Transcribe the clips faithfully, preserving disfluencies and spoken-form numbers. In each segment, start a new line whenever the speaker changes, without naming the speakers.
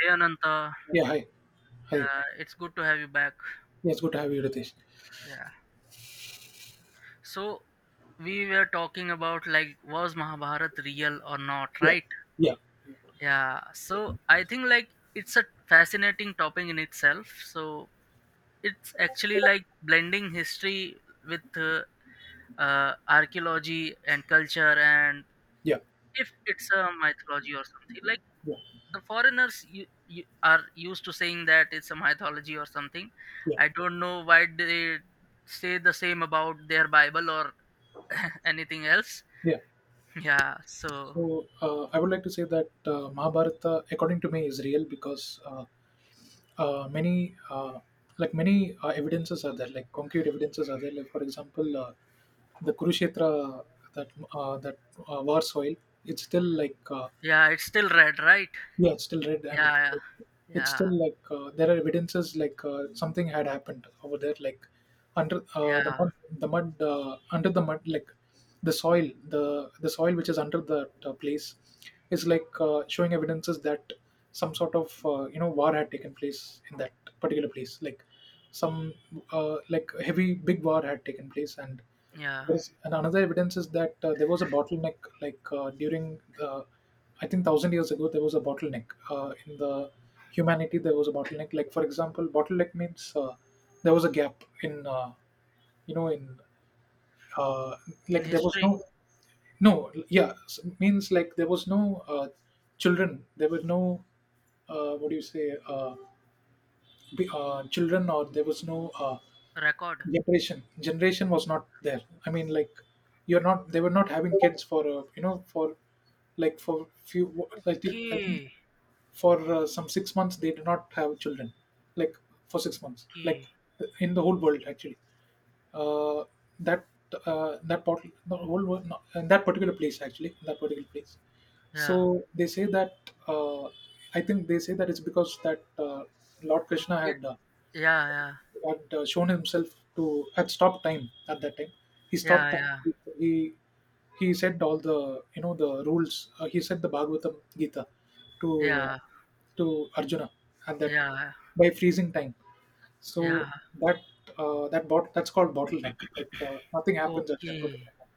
Hey Ananta,
Yeah, hi. Hi.
uh, it's good to have you back.
Yes, good to have you, Ritesh.
Yeah. So we were talking about, like, was Mahabharata real or not,
Yeah,
right?
yeah,
Yeah. So I think like it's a fascinating topic in itself. So it's actually like blending history with uh, uh, archaeology and culture, and
yeah,
if it's a mythology or something, like
yeah,
the foreigners you, you are used to saying that it's a mythology or something.
yeah,
I don't know why they say the same about their bible or anything else.
yeah.
Yeah. So
So uh, I would like to say that uh, Mahabharata, according to me, is real because uh, uh, many, uh, like many uh, evidences are there, like concrete evidences are there. Like for example, uh, the Kurukshetra that uh, that uh, war soil, it's still like uh,
yeah, it's still red, right?
yeah, it's still red, and it's,
Yeah,
it's
yeah.
still like uh, there are evidences like uh, something had happened over there, like under uh,
Yeah.
the
Yeah,
mud, the mud uh, under the mud, like the soil, the the soil which is under that uh, place is like uh, showing evidences that some sort of uh, you know war had taken place in that particular place, like some uh, like heavy big war had taken place, and
yeah.
yes, and another evidence is that uh, there was a bottleneck, like uh, during the, I think thousand years ago, there was a bottleneck uh, in the humanity. There was a bottleneck. Like for example, bottleneck means uh, there was a gap in, uh, you know, in uh,
In
like there was
history.
no, no, yeah, s- means like there was no uh, children. There were no, uh, what do you say, uh, be- uh, children, or there was no uh,
Record.
generation generation was not there. I mean, like you're not they were not having kids for uh, you know for like for few, i think i think
Okay.
for uh, some six months they did not have children, like for six months, like
Okay.
in the whole world actually, uh, that uh, that part the whole world, no, in that particular place actually, in that particular place
Yeah.
so they say that uh, I think they say that it's because that uh, Lord Krishna
It.
had uh,
Yeah, yeah,
had uh, shown himself to, had stopped time at that time. He
yeah,
stopped
yeah,
time. He he said all the you know the rules. Uh, he said the Bhagavatam Gita to uh,
yeah,
to Arjuna at that,
yeah.
by freezing time. So
Yeah.
that uh, that bot that's called bottleneck. Like uh, nothing happens at that
Okay.
particular time.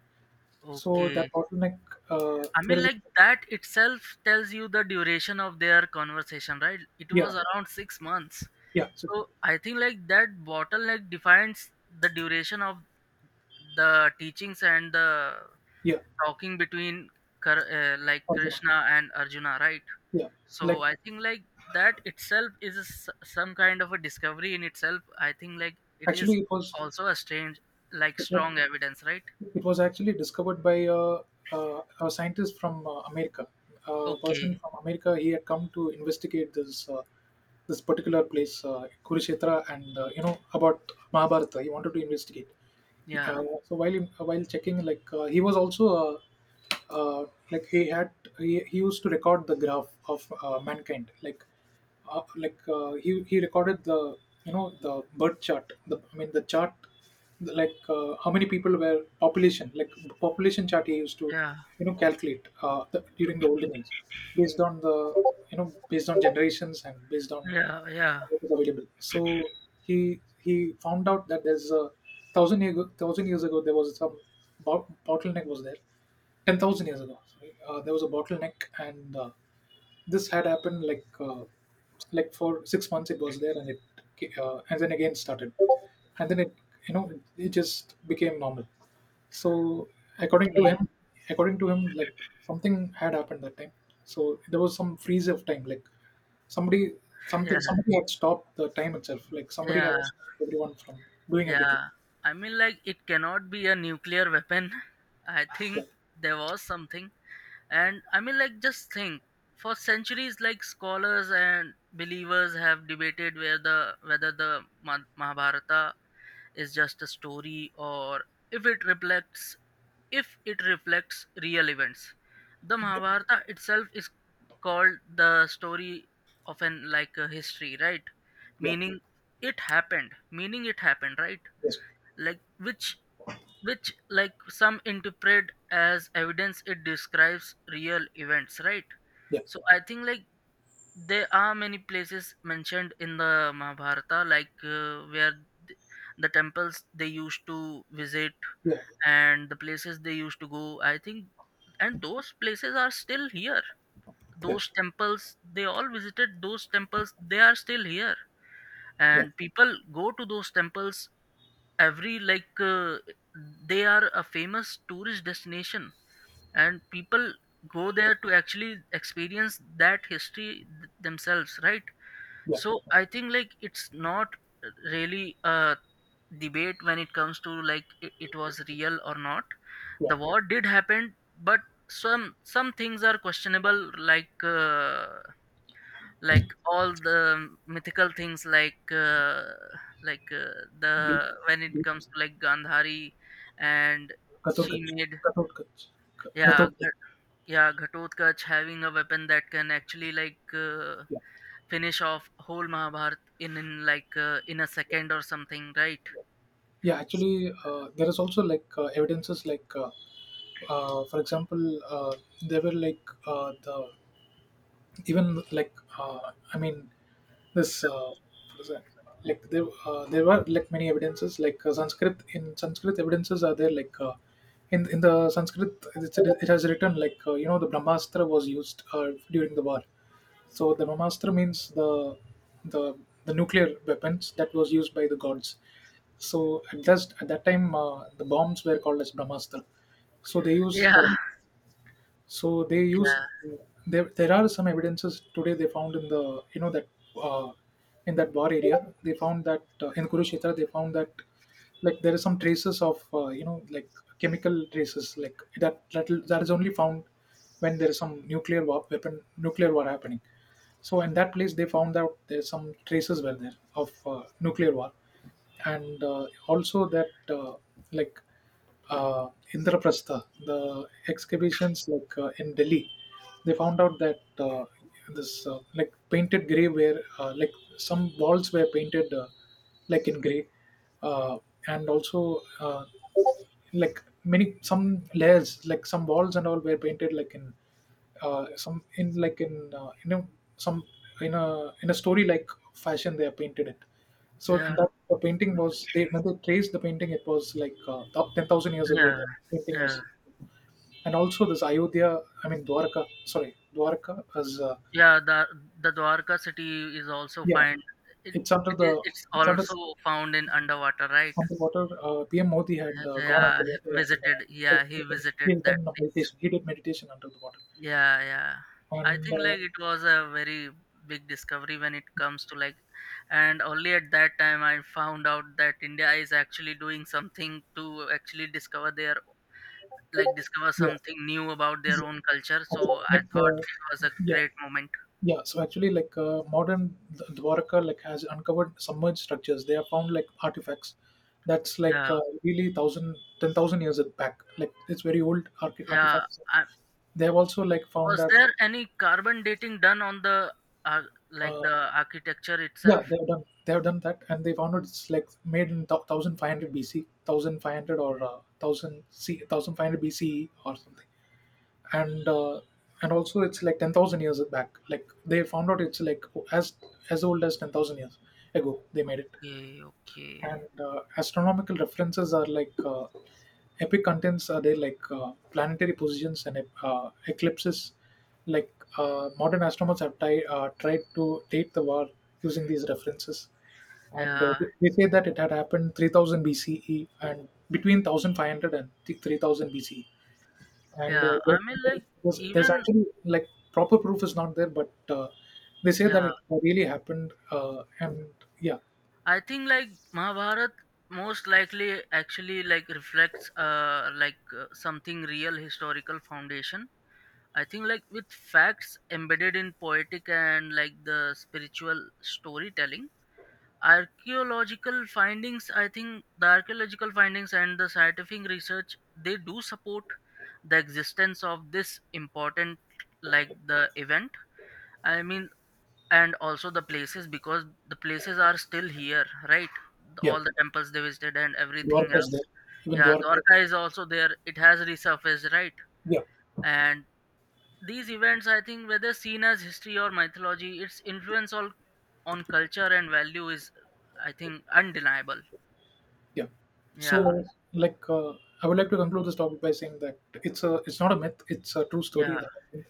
So
Okay.
that bottleneck, uh,
I
there
mean,
is.
like, that itself tells you the duration of their conversation, right? It was
Yeah,
around six months.
yeah, so-
So I think like that bottleneck defines the duration of the teachings and the
yeah.
talking between Kar- uh, like
Arjuna.
Krishna and Arjuna, right?
Yeah,
So
like
I think like that itself is a s some kind of a discovery in itself. I think like it is
actually it was
also a strange, like
it was
strong evidence, right?
It was actually discovered by a, a, a scientist from uh, America. A
Okay.
person from America, he had come to investigate this uh, this particular place, uh, Kurukshetra, and uh, you know about Mahabharata. He wanted to investigate.
Yeah.
Uh, so while in- uh, while checking, like uh, he was also uh, uh, like he had, he, he used to record the graph of uh, mankind, like uh, like uh, he he recorded the you know the birth chart. The, I mean, the chart, the, like uh, how many people were, population, like population chart he used to,
Yeah.
you know, calculate uh, the, during the olden age based on the you know based on generations and based on
Yeah. Yeah.
what is available. So he he found out that there's a, thousand year ago, thousand years ago there was some bo- bottleneck was there. Ten thousand years ago, sorry, uh, there was a bottleneck, and uh, this had happened like uh, like for six months it was there, and it uh, and then again started, and then it, you know, it, it just became normal. So according to
Okay.
him, according to him like something had happened that time, so there was some freeze of time, like somebody,
Yeah.
something somebody had stopped the time itself, like somebody had
Yeah,
stopped everyone from doing everything.
yeah. I mean, like, it cannot be a nuclear weapon. I think
Yeah,
there was something. And I mean, like, just think. For centuries, like, scholars and believers have debated where the, whether the Ma- Mahabharata is just a story or if it reflects if it reflects real events. The
yeah,
Mahabharata itself is called the story of an, like, a history, right?
yeah.
Meaning it happened. Meaning it happened, right?
Yes.
Like, which which like, some interpret as evidence, it describes real events, right?
Yeah,
So I think like there are many places mentioned in the Mahabharata, like, uh, where th- the temples they used to visit
yeah,
and the places they used to go, I think. And those places are still here.
yeah,
Those temples they all visited, those temples, they are still here.
yeah,
And people go to those temples every, like, uh, they are a famous tourist destination, and people go there to actually experience that history th- themselves, right?
yeah,
So I think like it's not really a debate when it comes to like it, it was real or not.
yeah.
The war did happen, but some some things are questionable, like, uh, like all the mythical things, like, uh, like uh, the when it
Be-
comes to, like, Gandhari and she
Kathorkach.
made
Kathorkach. K-
yeah
Gathorkach.
Ghat- yeah Ghatotkacha having a weapon that can actually, like, uh,
Yeah.
finish off whole Mahabharata in, in, like, uh, in a second or something, right?
Yeah, actually, uh, there is also like uh, evidences like, uh, uh, for example, uh, there were like uh, the even like uh, I mean this, uh, what is that? Like there, uh, there were like many evidences like, uh, Sanskrit in Sanskrit evidences are there, like uh, in in the Sanskrit, it's, it has written like, uh, you know, the Brahmastra was used uh, during the war. So the Brahmastra means the the the nuclear weapons that was used by the gods. So at that at that time uh, the bombs were called as Brahmastra. So they
yeah,
used uh, so they use
yeah,
there, there are some evidences today they found in the, you know, that uh, in that war area they found that uh, in Kurukshetra they found that, like, there is some traces of uh, you know, like chemical traces, like that that, that is only found when there is some nuclear war weapon nuclear war happening. So in that place they found out there's some traces were there of uh, nuclear war. And uh, also that uh, like, uh, Indraprastha, the excavations, like uh, in Delhi, they found out that uh, this, uh, like painted grey, where uh, like some walls were painted uh, like in grey, uh, and also uh, like many some layers, like some walls and all were painted like in, uh, some in like in uh, in a, some in a, in a story like fashion they have painted it. So,
yeah,
and that the painting was, they, when they traced the painting, it was like uh, ten thousand years ago
yeah,
the painting
yeah.
was. And also this, ayodhya I mean Dwarka, sorry, Dwarka is uh,
Yeah, the the Dwarka city is also
yeah,
find. it,
it's under
it is,
the
it's
it's under,
also found in underwater, right?
underwater. uh, PM Modi had uh,
Yeah,
gone
yeah,
underwater and uh,
visited. Yeah, he visited
he did
that place.
meditation, he did meditation under the water.
Yeah, yeah. I
And
think
uh,
like it was a very big discovery when it comes to, like, and only at that time I found out that India is actually doing something to actually discover their, like, discover
yeah,
something new about their
yeah.
own culture.
Okay,
So I
like
thought
uh,
it was a
yeah,
great moment.
yeah. So actually, like uh, modern Dw- Dwarka like has uncovered submerged structures. They have found like artifacts that's like
Yeah,
uh, really, thousand, ten thousand years back. Like it's very old, arch-
yeah.
artifacts.
I,
They have also like found
was
that.
there any carbon dating done on the uh, like
Uh,
the architecture
yeah,
itself?
they have done. They have done that, and they found out it's like made in thousand five hundred B C, thousand five hundred or uh, thousand C, thousand five hundred B C E or something. And uh, and also it's like ten thousand years back, like they found out it's like as, as old as ten thousand years ago they made it.
Okay, okay.
And uh, astronomical references are like uh, epic contents are there, like uh, planetary positions and uh, eclipses, like uh, modern astronomers have ti- uh, tried to date the war using these references. And uh,
Yeah.
they say that it had happened three thousand B C E, and between one thousand five hundred and three thousand B C E. And uh,
Yeah, I mean,
there's,
like,
there's there's
even,
actually, like, proper proof is not there, but uh, they say that
yeah,
it really happened, uh, and yeah,
I think, like, Mahabharat most likely actually, like, reflects, uh, like, uh, something real historical foundation. I think, like, with facts embedded in poetic and, like, the spiritual storytelling, archaeological findings, I think the archaeological findings and the scientific research, they do support the existence of this important, like, the event. I mean, and also the places, because the places are still here, right? The-
yeah.
all the temples they visited and everything. Yeah.
Dwarka's
Else.
there, even
Yeah.
Dwarka.
Dwarka is also there, it has resurfaced, right?
Yeah,
And these events, I think, whether seen as history or mythology, its influence all on culture and value is, I think, undeniable.
yeah.
Yeah.
So, like uh, I would like to conclude this topic by saying that it's a it's not a myth, it's a true story
Yeah.
that happened.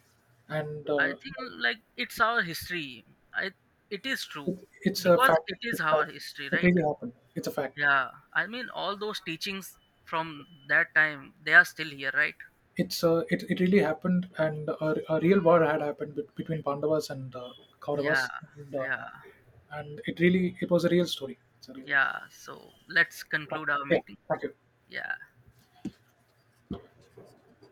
And
I
uh,
think like it's our history. I, it is true,
it, it's a
because
fact.
it is
It's a
our
fact.
history,
It
right?
really happened. It's a fact.
Yeah, I mean, all those teachings from that time they are still here, right?
It's uh, it, it really happened. And a, a real war had happened bet- between Pandavas and uh,
Yeah,
Kauravas. And uh,
yeah,
and it really, it was a real story. It's a real.
yeah. So let's conclude our
Yeah,
meeting.
thank you.
Yeah.